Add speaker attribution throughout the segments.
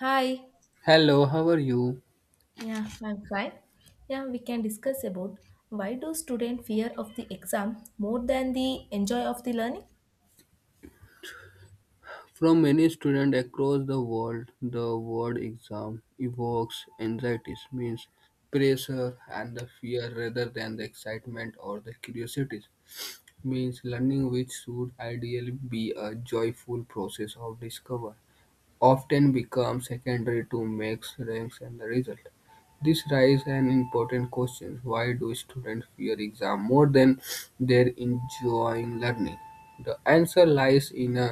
Speaker 1: Hi.
Speaker 2: Hello, how are you?
Speaker 1: Yeah, I'm fine. Yeah, we can discuss about why do students fear of the exam more than the enjoy of the learning?
Speaker 2: From many students across the world, the word exam evokes anxieties, means pressure and the fear rather than the excitement or the curiosities. Means learning, which should ideally be a joyful process of discovery, often becomes secondary to marks, ranks, and the result. This raises an important question: why do students fear exam more than they enjoying learning? The answer lies in a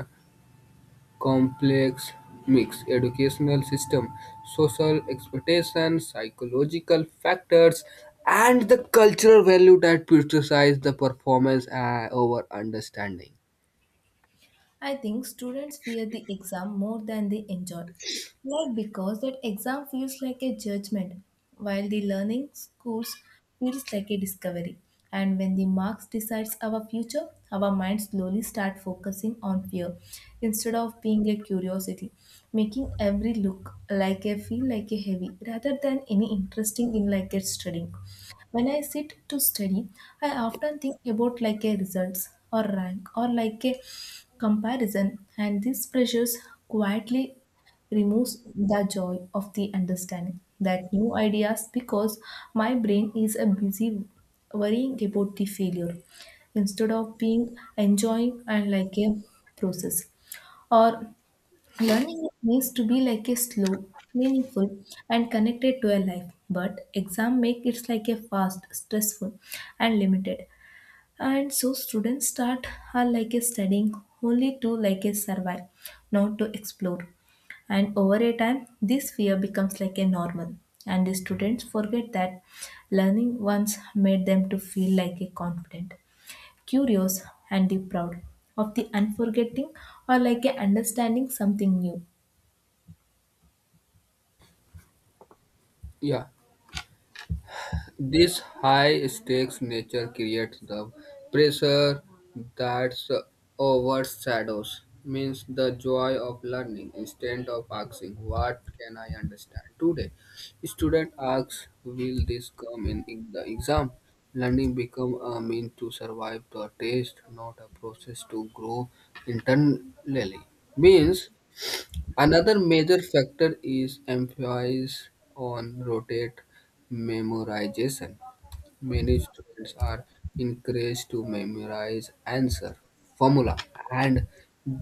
Speaker 2: complex mixed educational system, social expectations, psychological factors, and the cultural value that prioritize the performance over understanding.
Speaker 1: I think students fear the exam more than they enjoy. Like because that exam feels like a judgment, while the learning schools feels like a discovery. And when the marks decides our future, our minds slowly start focusing on fear instead of being a curiosity, making every look like a feel like a heavy rather than any interesting in like a studying. When I sit to study, I often think about like a results or rank or like a comparison, and these pressures quietly removes the joy of the understanding that new ideas because my brain is a busy worrying about the failure instead of being enjoying and like a process or learning needs to be like a slow, meaningful, and connected to a life. But exam make it like a fast, stressful, and limited. And so students start are like a studying only to like a survive, not to explore. And over a time, this fear becomes like a normal. And the students forget that learning once made them to feel like a confident, curious, and the proud of the unforgetting or like a understanding something new.
Speaker 2: Yeah. This high-stakes nature creates the pressure that overshadows means the joy of learning instead of asking what can I understand today. Student asks, will this come in the exam? Learning become a means to survive the test, not a process to grow internally. Means another major factor is emphasis on rotate memorization. Many students are encouraged to memorize answer, formula, and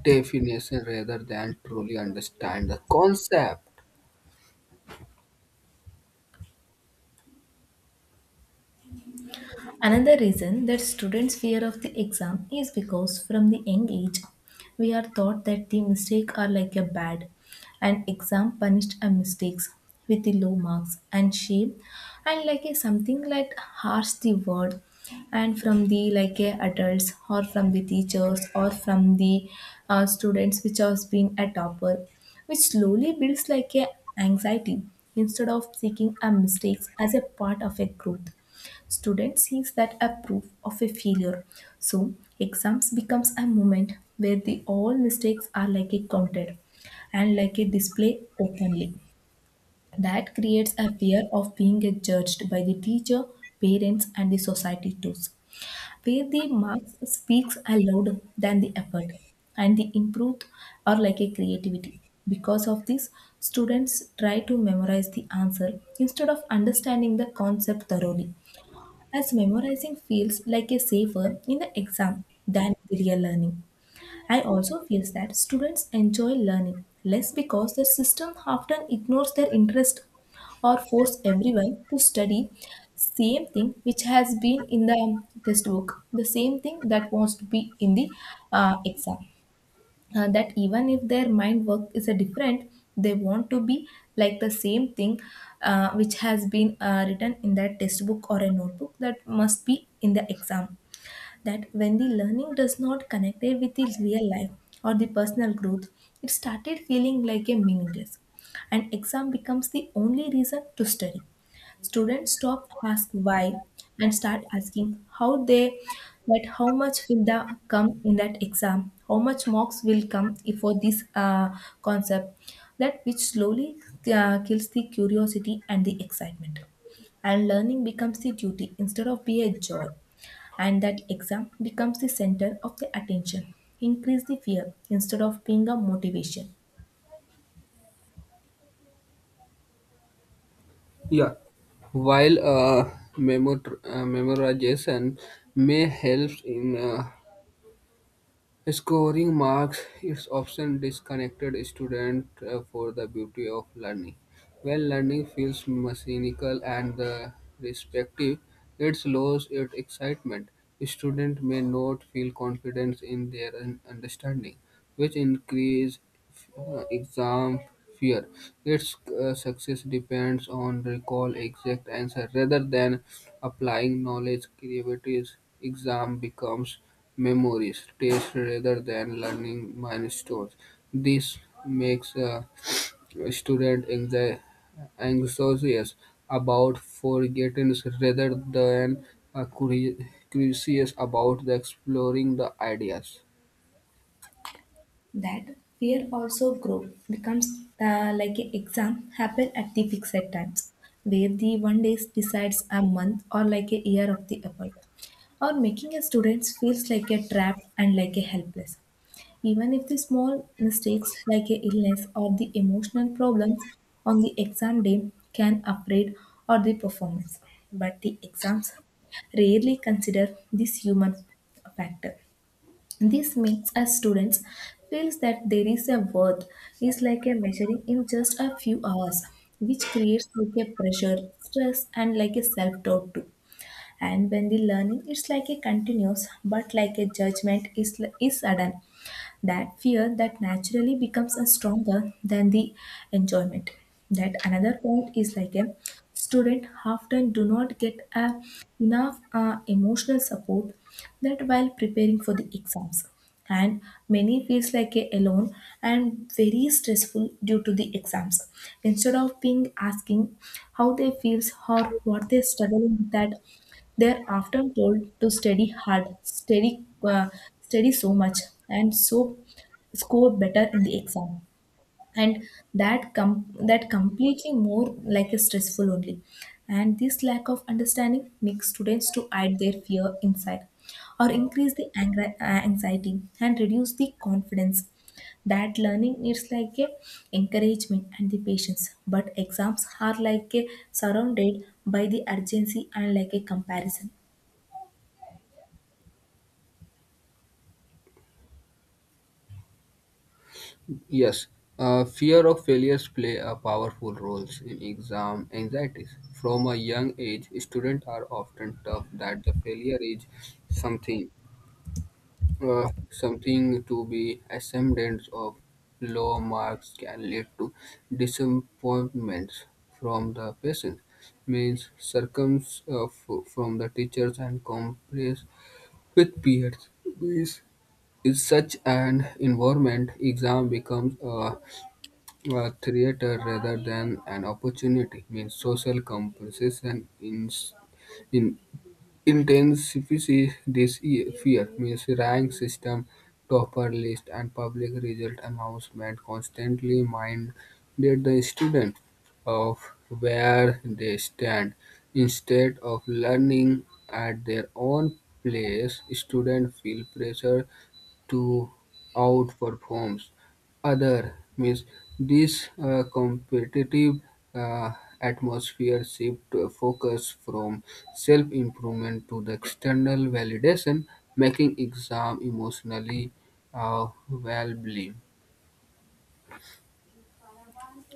Speaker 2: definition rather than truly understand the concept.
Speaker 1: Another reason that students fear of the exam is because from the young age we are taught that the mistake are like a bad and exam punished our mistakes with the low marks and shame and like a something like harsh the word and from the like a adults or from the teachers or from the students which has been a topper which slowly builds like a anxiety instead of seeking our mistakes as a part of a growth. Student sees that a proof of a failure. So exams becomes a moment where the all mistakes are like a counted and like a display openly. That creates a fear of being judged by the teacher, parents, and the society too. Where the marks speaks louder than the effort and the improved or like a creativity. Because of this, students try to memorize the answer instead of understanding the concept thoroughly as memorizing feels like a safer in the exam than the real learning. I also feel that students enjoy learning less because the system often ignores their interest or force everyone to study same thing which has been in the test book the same thing that wants to be in the exam that even if their mind work is a different they want to be like the same thing, which has been written in that textbook or a notebook that must be in the exam, that when the learning does not connect it with the real life or the personal growth, it started feeling like a meaningless and exam becomes the only reason to study. Students stop ask why and start asking how they, that how much will the come in that exam, how much marks will come for this concept, that which slowly kills the curiosity and the excitement. And learning becomes the duty instead of be a joy and that exam becomes the center of the attention. Increase the fear instead of being a motivation.
Speaker 2: Yeah, while memorization may help in scoring marks is often disconnected student for the beauty of learning. When learning feels mechanical and the respective, it loses its excitement. Student may not feel confidence in their understanding, which increase exam fear. Its success depends on recall exact answer rather than applying knowledge. Creativity exam becomes memories, tastes rather than learning milestones. This makes a student anxious about forgetting rather than uh, curi- curious about the exploring the ideas.
Speaker 1: That fear also grow becomes like an exam happen at the fixed times, where the 1 day decides a month or like a year of the effort, or making a student feels like a trapped and like a helpless. Even if the small mistakes like a illness or the emotional problems on the exam day can upgrade or the performance, but the exams rarely consider this human factor. This makes us students feels that there is a worth is like a measuring in just a few hours, which creates like a pressure, stress, and like a self-doubt too. And when the learning is like a continuous, but like a judgment is sudden, that fear that naturally becomes a stronger than the enjoyment. That another point is like a student often do not get a enough emotional support that while preparing for the exams, and many feels like a alone and very stressful due to the exams instead of being asking how they feels or what they struggling with that they're often told to study hard, study, study so much, and so score better in the exam. And that that completely more like a stressful only. And this lack of understanding makes students to hide their fear inside, or increase the anxiety and reduce the confidence. That learning needs like a encouragement and the patience, but exams are like a surrounded by the urgency and like a comparison.
Speaker 2: Yes, fear of failures play a powerful role in exam anxieties. From a young age, students are often taught that the failure is something. Something to be ashamed of. Low marks can lead to disappointments from the patients, means from the teachers and complaints with peers. Means in such an environment, exam becomes a theater rather than an opportunity. Means social compensation in intensifies this fear, means rank system, topper list, and public result announcement constantly minded the student of where they stand. Instead of learning at their own place, students feel pressure to outperforms other means this competitive uh, atmosphere shift focus from self-improvement to the external validation, making exam emotionally valuable.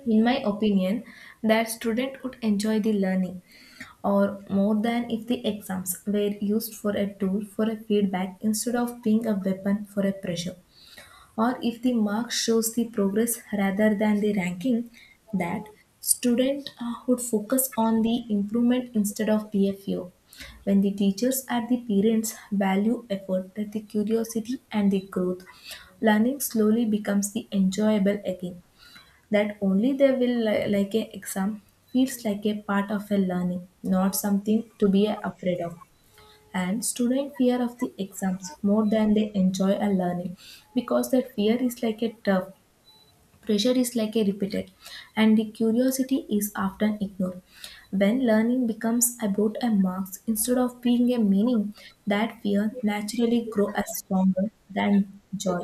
Speaker 1: In my opinion, that student would enjoy the learning or more than if the exams were used for a tool for a feedback instead of being a weapon for a pressure. Or if the mark shows the progress rather than the ranking, that student would focus on the improvement instead of PFU. When the teachers and the parents value effort, that the curiosity and the growth, learning slowly becomes the enjoyable again, that only they will like a exam feels like a part of a learning, not something to be afraid of. And student fear of the exams more than they enjoy a learning because that fear is like a turf, pressure is like a repeated, and the curiosity is often ignored. When learning becomes about a marks instead of being a meaning, that fear naturally grow as stronger than joy.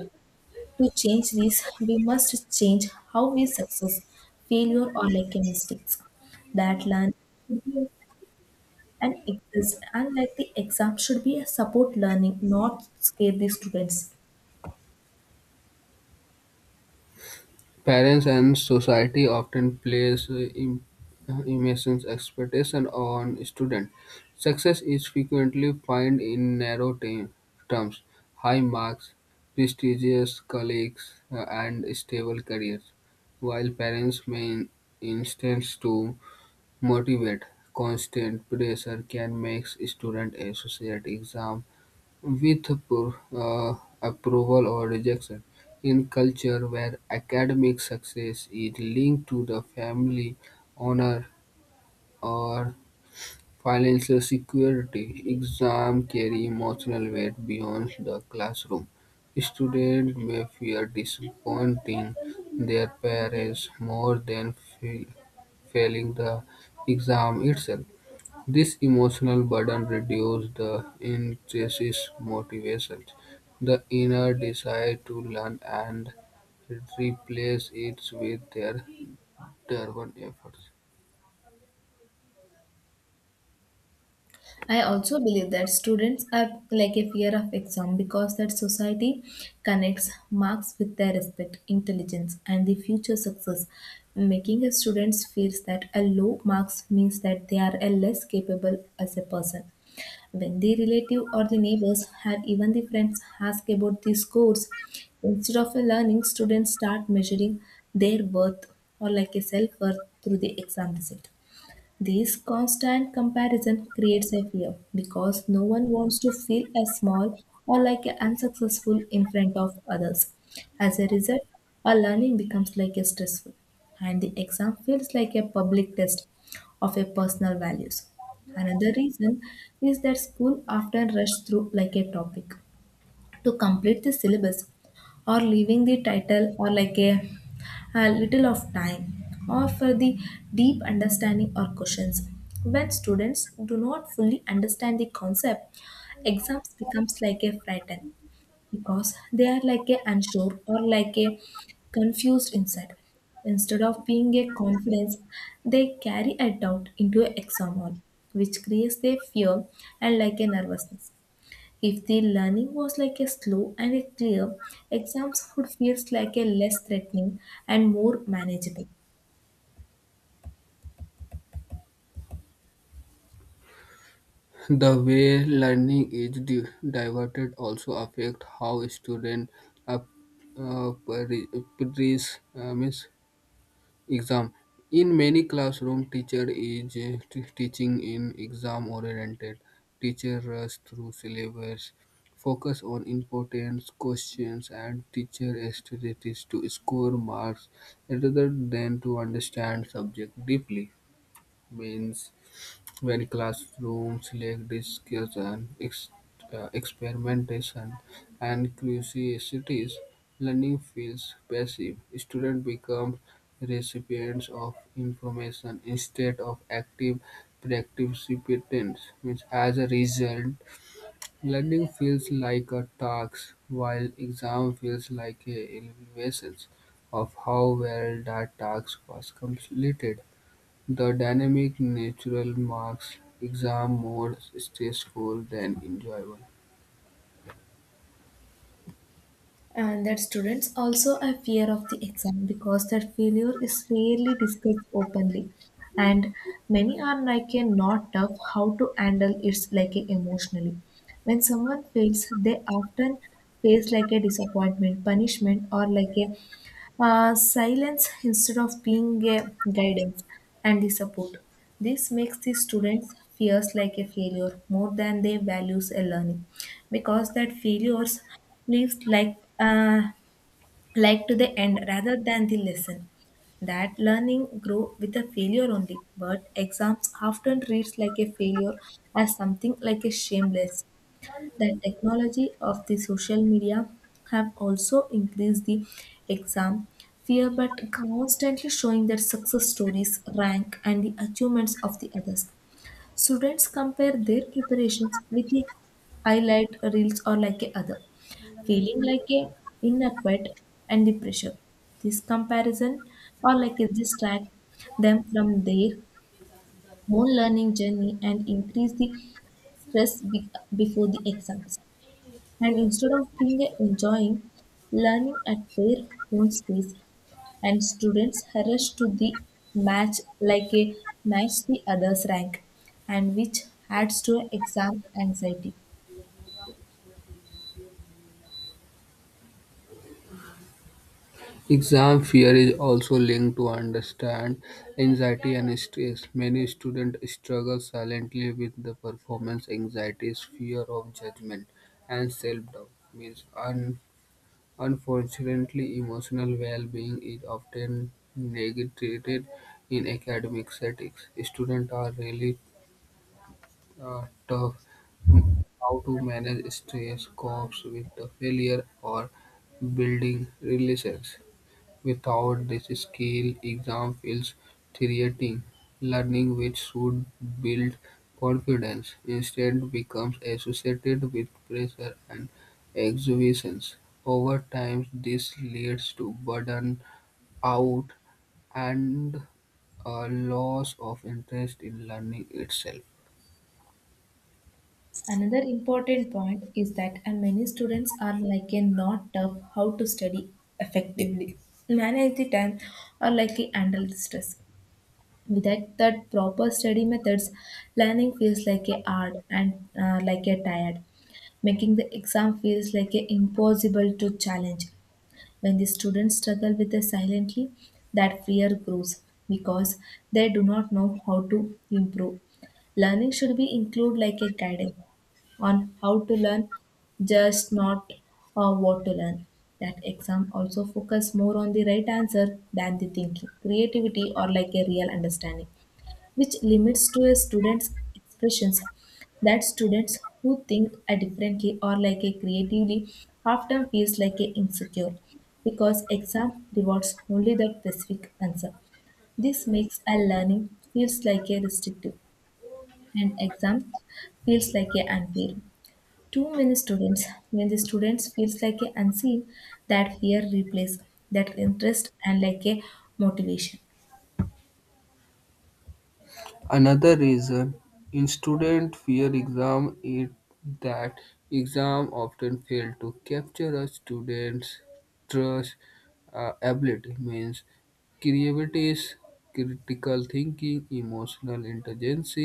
Speaker 1: To change this, we must change how we success, failure, or like a mistakes. That learning should be and exist, and like the exam should be a support learning, not scare the students.
Speaker 2: Parents and society often place immense expectation on students. Success is frequently defined in narrow terms: high marks, prestigious colleagues, and stable careers. While parents may instance to motivate, constant pressure can make student associate exam with approval or rejection, in culture where academic success is linked to the family honor or financial security exams carry emotional weight beyond the classroom. Students may fear disappointing their parents more than failing the exam itself. This emotional burden reduces the intrinsic motivation, the inner desire to learn, and replace it with their driven efforts.
Speaker 1: I also believe that students are like a fear of exam because that society connects marks with their respect, intelligence, and the future success, making a students feels that a low marks means that they are a less capable as a person. When the relative or the neighbors or even the friends ask about the scores, instead of a learning, students start measuring their worth or like a self worth through the exam result. This constant comparison creates a fear because no one wants to feel as small or like a unsuccessful in front of others. As a result, our learning becomes like a stressful and the exam feels like a public test of a personal values. Another reason is that school often rush through like a topic to complete the syllabus or leaving the title or like a little of time or for the deep understanding or questions. When students do not fully understand the concept, exams becomes like a frighten because they are like a unsure or like a confused inside. Instead of being a confidence, they carry a doubt into an exam hall, which creates a fear and like a nervousness. If the learning was like a slow and a clear, exams would feel like a less threatening and more manageable.
Speaker 2: The way learning is diverted also affect how students ap- uh, pre- pre- means exam. In many classroom, teacher is teaching in exam oriented. Teacher rush through syllabus, focus on important questions and teacher strategies to score marks rather than to understand subject deeply. Means where classrooms, select discussion, experimentation, and curiosities, learning feels passive. Students become recipients of information instead of active participants. Means as a result, learning feels like a task, while exam feels like a evaluation of how well that task was completed. The dynamic nature makes exam more stressful than enjoyable.
Speaker 1: And that students also have fear of the exam because that failure is rarely discussed openly and many are like a not tough how to handle it like a emotionally. When someone fails they often face like a disappointment punishment or like a silence instead of being a guidance and the support. This makes the students fears like a failure more than they values a learning because that failures lives like to the end rather than the lesson. That learning grow with a failure only but exams often reads like a failure as something like a shameless. The technology of the social media have also increased the exam fear but constantly showing their success stories rank and the achievements of the others. Students compare their preparations with the highlight reels or like a other, feeling like a inadequate and the pressure. This comparison or like a distract them from their own learning journey and increase the stress before the exams. And instead of being a enjoying learning at their own space, and students rush to the match like a match the other's rank and which adds to exam anxiety.
Speaker 2: Exam fear is also linked to understand anxiety and stress. Many students struggle silently with the performance anxieties, fear of judgment, and self-doubt. Means unfortunately, emotional well-being is often negated in academic settings. Students are rarely tough n- how to manage stress, copes with the failure, or building relations. Without this skill, exam feels threatening. Learning which should build confidence instead becomes associated with pressure and exhibitions. Over time, this leads to burden out and a loss of interest in learning itself.
Speaker 1: Another important point is that many students are like a not tough how to study effectively, manage the time, or like a handle the stress. Without that proper study methods, learning feels like a hard and like a tired, making the exam feels like a impossible to challenge. When the students struggle with the silently, that fear grows because they do not know how to improve. Learning should be included like a guidance on how to learn, just not what to learn. That exam also focus more on the right answer than the thinking, creativity, or like a real understanding, which limits to a student's expressions. That students who think a differently or like a creatively often feels like a insecure because exam rewards only the specific answer. This makes a learning feels like a restrictive, and exam feels like a unfair too many students. When the students feels like a unseen, that fear replaces that interest and like a motivation.
Speaker 2: Another reason in student fear exam is that exam often fail to capture a student's trust ability, means creativity, critical thinking, emotional intelligence,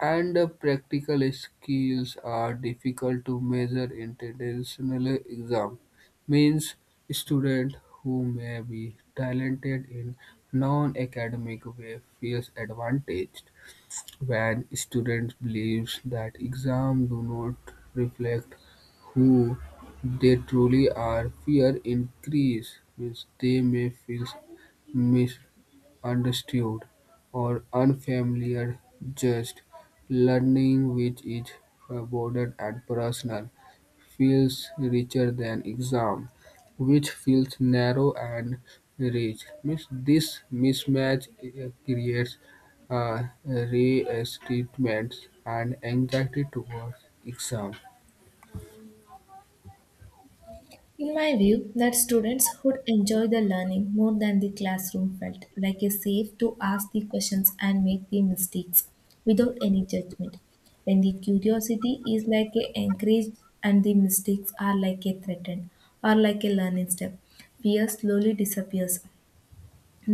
Speaker 2: and practical skills are difficult to measure in traditional exam. Means student who may be talented in non-academic way feels advantaged when students believe that exams do not reflect who they truly are, fear increases, they may feel misunderstood or unfamiliar, just learning which is rewarded and personal, feels richer than exam, which feels narrow and rich. Means this mismatch creates resentment and anxiety towards exam.
Speaker 1: In my view, that students would enjoy the learning more than the classroom felt like a safe to ask the questions and make the mistakes without any judgment. When the curiosity is like a encouraged and the mistakes are like a threatened or like a learning step, fear slowly disappears.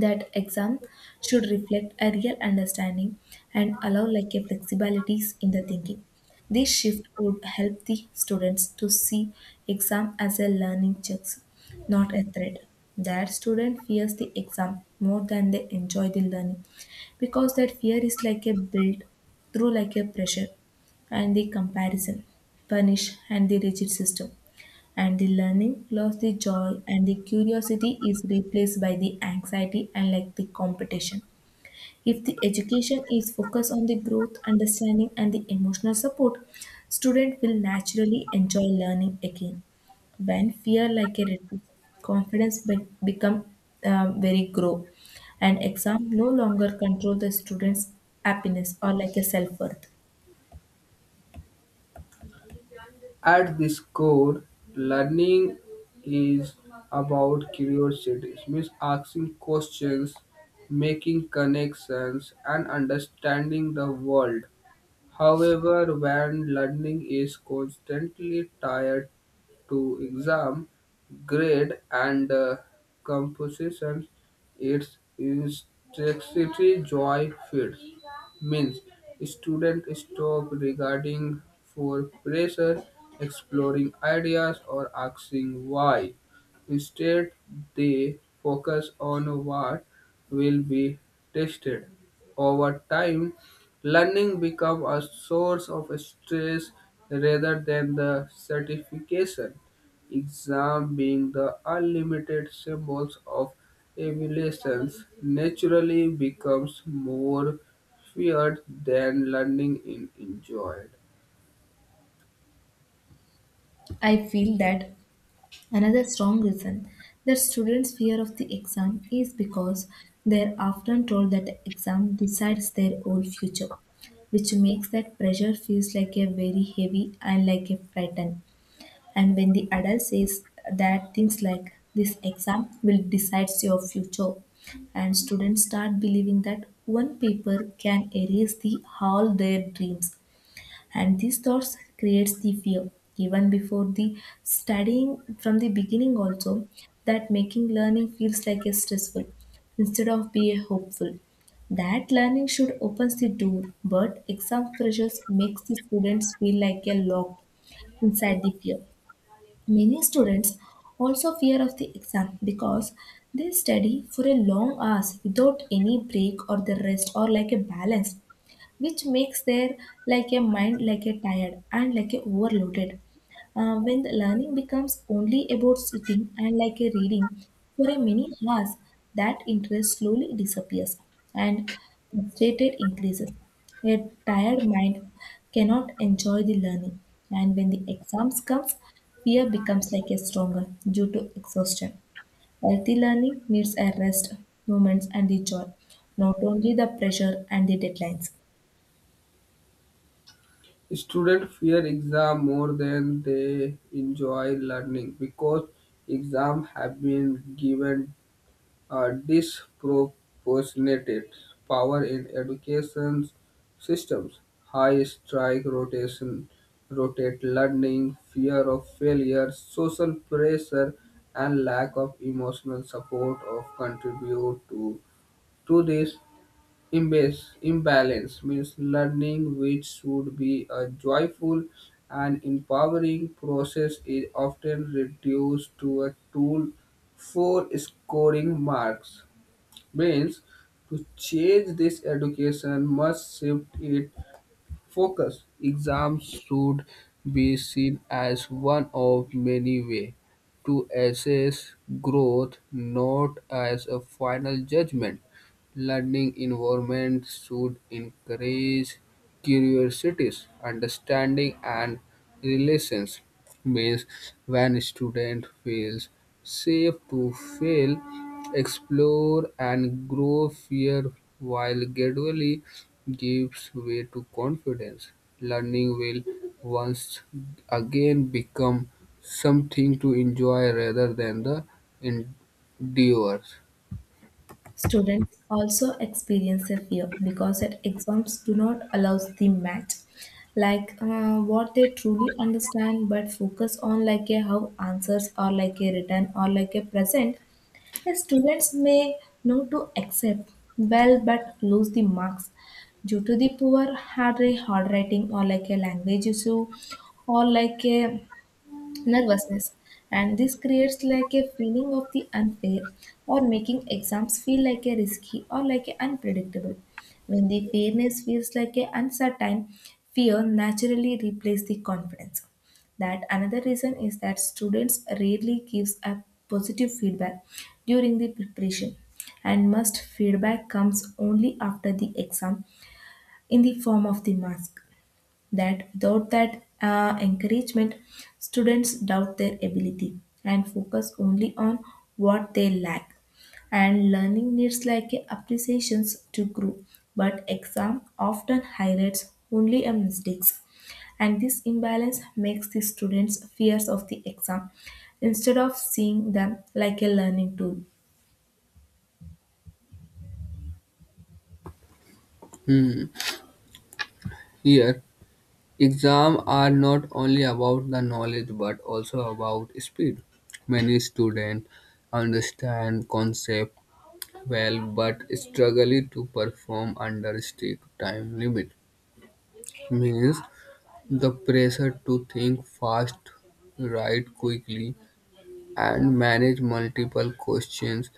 Speaker 1: That exam should reflect a real understanding and allow like a flexibilities in the thinking. This shift would help the students to see exam as a learning checks, not a threat. That student fears the exam more than they enjoy the learning because that fear is like a built through like a pressure and the comparison punish and the rigid system, and the learning lost the joy and the curiosity is replaced by the anxiety and like the competition. If the education is focused on the growth understanding and the emotional support, student will naturally enjoy learning again. When fear like a reduce, confidence become very grow, and exam no longer control the students happiness or like a self-worth.
Speaker 2: At this core, learning is about curiosity, it means asking questions, making connections, and understanding the world. However, when learning is constantly tied to exam, grade, and composition, its intensity joy fades. Means student stop regarding for pressure, exploring ideas, or asking why. Instead, they focus on what will be tested. Over time, learning becomes a source of stress rather than the certification. Exam being the unlimited symbols of evaluations naturally becomes more feared than learning in enjoyed.
Speaker 1: I feel that another strong reason that students' fear of the exam is because they're often told that the exam decides their whole future, which makes that pressure feels like a very heavy and like a frighten. And when the adult says that things like this exam will decide your future, and students start believing that one paper can erase the all their dreams, and these thoughts creates the fear even before the studying from the beginning also, that making learning feels like a stressful instead of be a hopeful. That learning should opens the door, but exam pressures makes the students feel like a lock inside the fear. Many students also fear of the exam because they study for a long hours without any break or the rest or like a balance, which makes their like a mind like a tired and like a overloaded. When the learning becomes only about sitting and like a reading for a many hours, that interest slowly disappears and frustrated increases. A tired mind cannot enjoy the learning, and when the exams comes, fear becomes like a stronger due to exhaustion. Healthy learning needs a rest moments and the joy, not only the pressure and the deadlines.
Speaker 2: Students fear exam more than they enjoy learning because exam have been given a disproportionate power in education systems. High strike rotation, rotate learning, fear of failure, social pressure, and lack of emotional support of contribute to this imbalance, imbalance means learning, which should be a joyful and empowering process, is often reduced to a tool for scoring marks. Means to change this education must shift its focus. Exams should be seen as one of many ways to assess growth, not as a final judgment. Learning environments should encourage curiosity, understanding, and relations. Means when student feels safe to fail, explore, and grow, fear while gradually gives way to confidence. Learning will once again become something to enjoy rather than the endeavors.
Speaker 1: Students also experience a fear because that exams do not allow the math, like what they truly understand, but focus on like a how answers or like a written or like a present. A students may know to accept well but lose the marks due to the poor hard handwriting or like a language issue or like a nervousness, and this creates like a feeling of the unfair or making exams feel like a risky or like a unpredictable. When the fairness feels like a uncertain, fear naturally replaces the confidence. That another reason is that students rarely gives a positive feedback during the preparation, and must feedback comes only after the exam in the form of the marks. That without that encouragement, students doubt their ability and focus only on what they lack. And learning needs like a appreciations to grow, but exam often highlights only a mistakes. And this imbalance makes the students fears of the exam instead of seeing them like a learning tool.
Speaker 2: Hmm. Here, exams are not only about the knowledge but also about speed. Many students understand concept well but struggle to perform under strict time limit. Means the pressure to think fast, write quickly, and manage multiple questions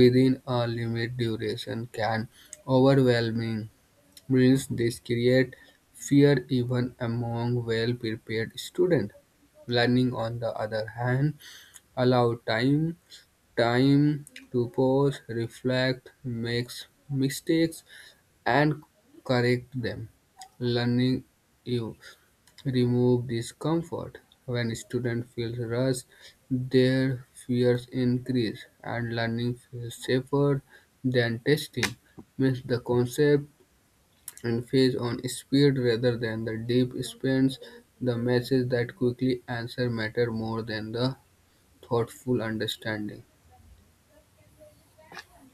Speaker 2: within a limit duration can overwhelming means this create fear even among well-prepared students. Learning, on the other hand, allows time to pause, reflect, make mistakes, and correct them. Learning you remove discomfort. When students feel rushed, their fears increase, and learning feels safer than testing. Means the concept and feeds on speed rather than the deep spans. The messages that quickly answer matter more than the thoughtful understanding.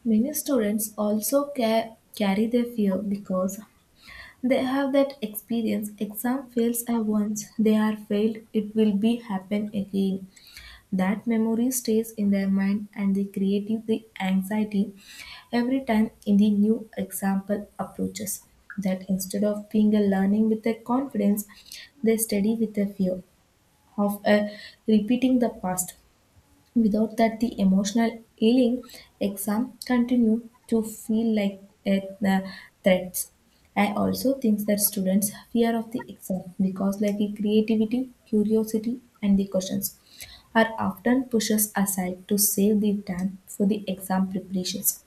Speaker 1: Many students also carry their fear because they have that experience. Exam fails I once, they are failed, it will be happen again. That memory stays in their mind and they create the anxiety every time in the new example approaches. That instead of being a learning with a confidence, they study with a fear of repeating the past. Without that, the emotional healing exam continue to feel like a threats. I also think that students fear of the exam because like the creativity, curiosity, and the questions are often pushes aside to save the time for the exam preparations.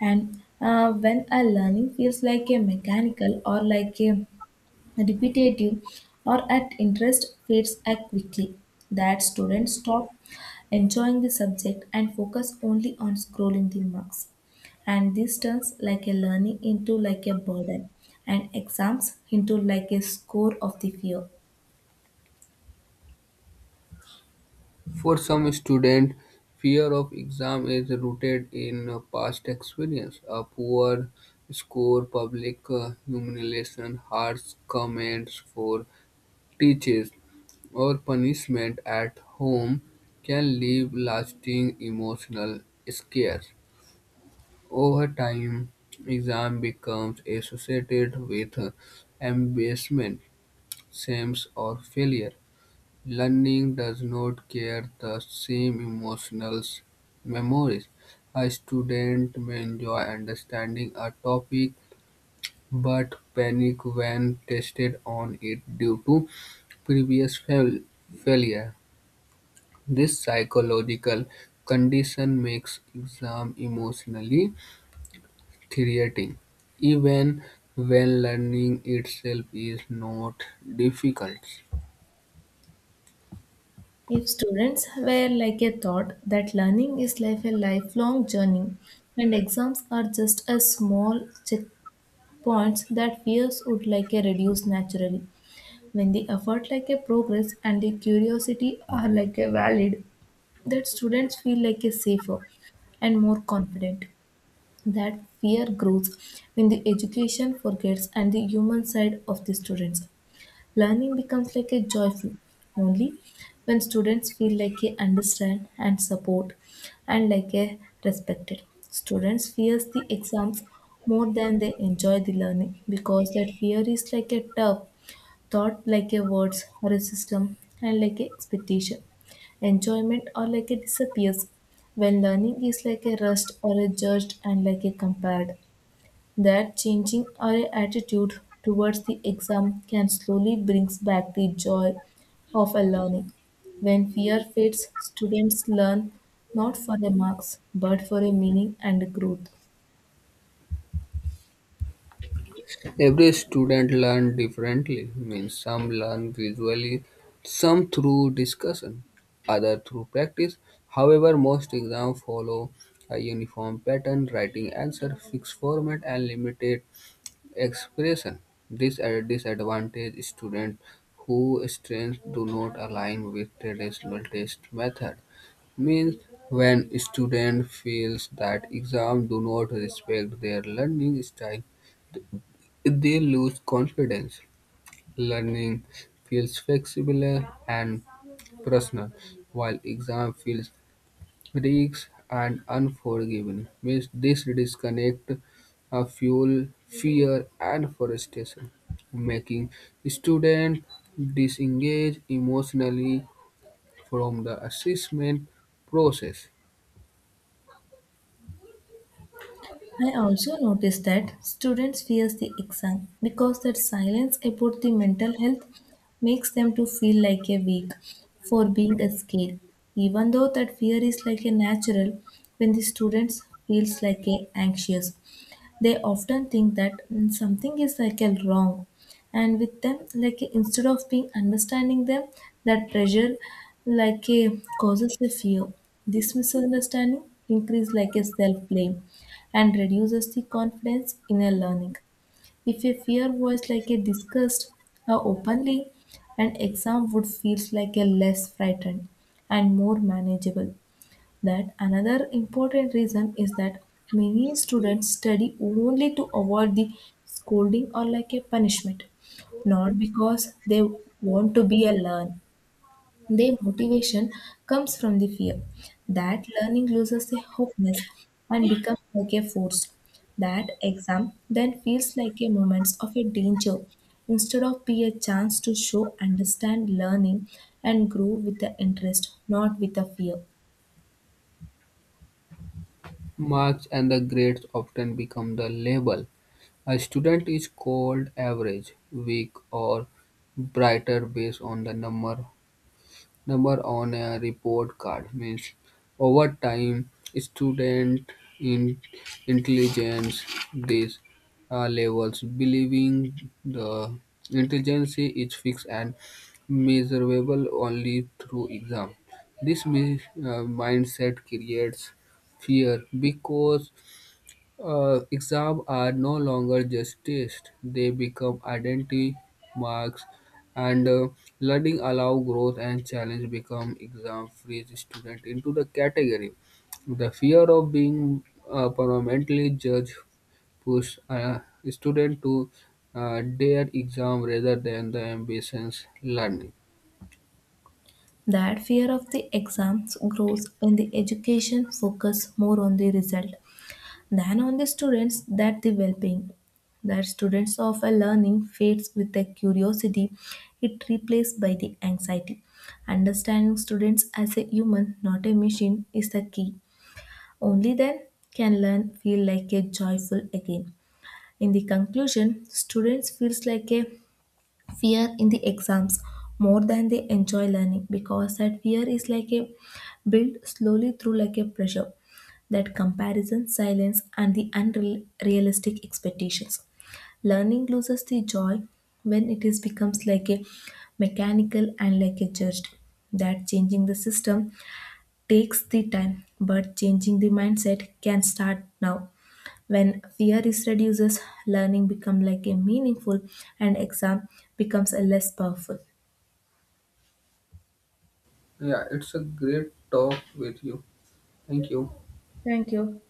Speaker 1: And when a learning feels like a mechanical or like a repetitive, or at interest fades at quickly, that students stop enjoying the subject and focus only on scrolling the marks. And this turns like a learning into like a burden and exams into like a score of the fear.
Speaker 2: For some students, fear of exam is rooted in past experience, a poor score, public humiliation, harsh comments for teachers, or punishment at home can leave lasting emotional scars. Over time, exam becomes associated with embarrassment, shame, or failure. Learning does not carry the same emotional memories. A student may enjoy understanding a topic but panic when tested on it due to previous failure. This psychological condition makes exam emotionally creating, even when learning itself is not difficult.
Speaker 1: If students were like a thought that learning is like a lifelong journey and exams are just a small checkpoints, that fears would like a reduce naturally. When the effort like a progress and the curiosity are like a valid, that students feel like a safer and more confident. That fear grows when the education forgets and the human side of the students. Learning becomes like a joyful only when students feel like they understand and support and like a respected. Students fears the exams more than they enjoy the learning because that fear is like a turf thought like a words or a system and like a expectation. Enjoyment or like a disappears when learning is like a rust or a judged and like a compared. That changing our attitude towards the exam can slowly brings back the joy of a learning. When fear fades, students learn not for the marks, but for a meaning and growth.
Speaker 2: Every student learns differently, means some learn visually, some through discussion, other through practice. However, most exams follow a uniform pattern, writing answer, fixed format, and limited expression. This disadvantage students whose strengths do not align with traditional test method. Means when student feels that exams do not respect their learning style, they lose confidence. Learning feels flexible and personal, while exam feels rigged and unforgiving. Means this disconnect fuel fear and frustration, making student disengage emotionally from the assessment process.
Speaker 1: I also noticed that students fears the exam because that silence about the mental health makes them to feel like a weak for being scared. Even though that fear is like a natural, when the students feels like a anxious, they often think that something is like a wrong and with them, like instead of being understanding them, that pressure like a causes a fear. This misunderstanding increase like a self-blame and reduces the confidence in a learning. If a fear was like a discussed or openly, an exam would feel like a less frightened and more manageable. That another important reason is that many students study only to avoid the scolding or like a punishment, not because they want to be a learn. Their motivation comes from the fear that learning loses a hopefulness and becomes like a force. That exam then feels like a moment of a danger instead of be a chance to show, understand, learning, and grow with the interest, not with the fear.
Speaker 2: Marks and the grades often become the label. A student is called average, weak, or brighter based on the number on a report card means over time student in intelligence these levels believing the intelligence is fixed and measurable only through exam this mindset creates fear because exams are no longer just tests; they become identity marks, and learning allow growth and challenge become exam free student into the category. The fear of being permanently judged push a student to their exam rather than the ambitions learning.
Speaker 1: That fear of the exams grows when the education focus more on the result than on the students that the well-being. That students of a learning fades with the curiosity, it replaced by the anxiety. Understanding students as a human, not a machine, is the key. Only then can learn feel like a joyful again. In the conclusion, students feels like a fear in the exams more than they enjoy learning because that fear is like a built slowly through like a pressure that comparison silence and the unrealistic expectations. Learning loses the joy when it is becomes like a mechanical and like a judged. That changing the system takes the time, but changing the mindset can start now. When fear is reduces, learning become like a meaningful, and exam becomes a less powerful.
Speaker 2: Yeah, it's a great talk with you. Thank you.
Speaker 1: Thank you.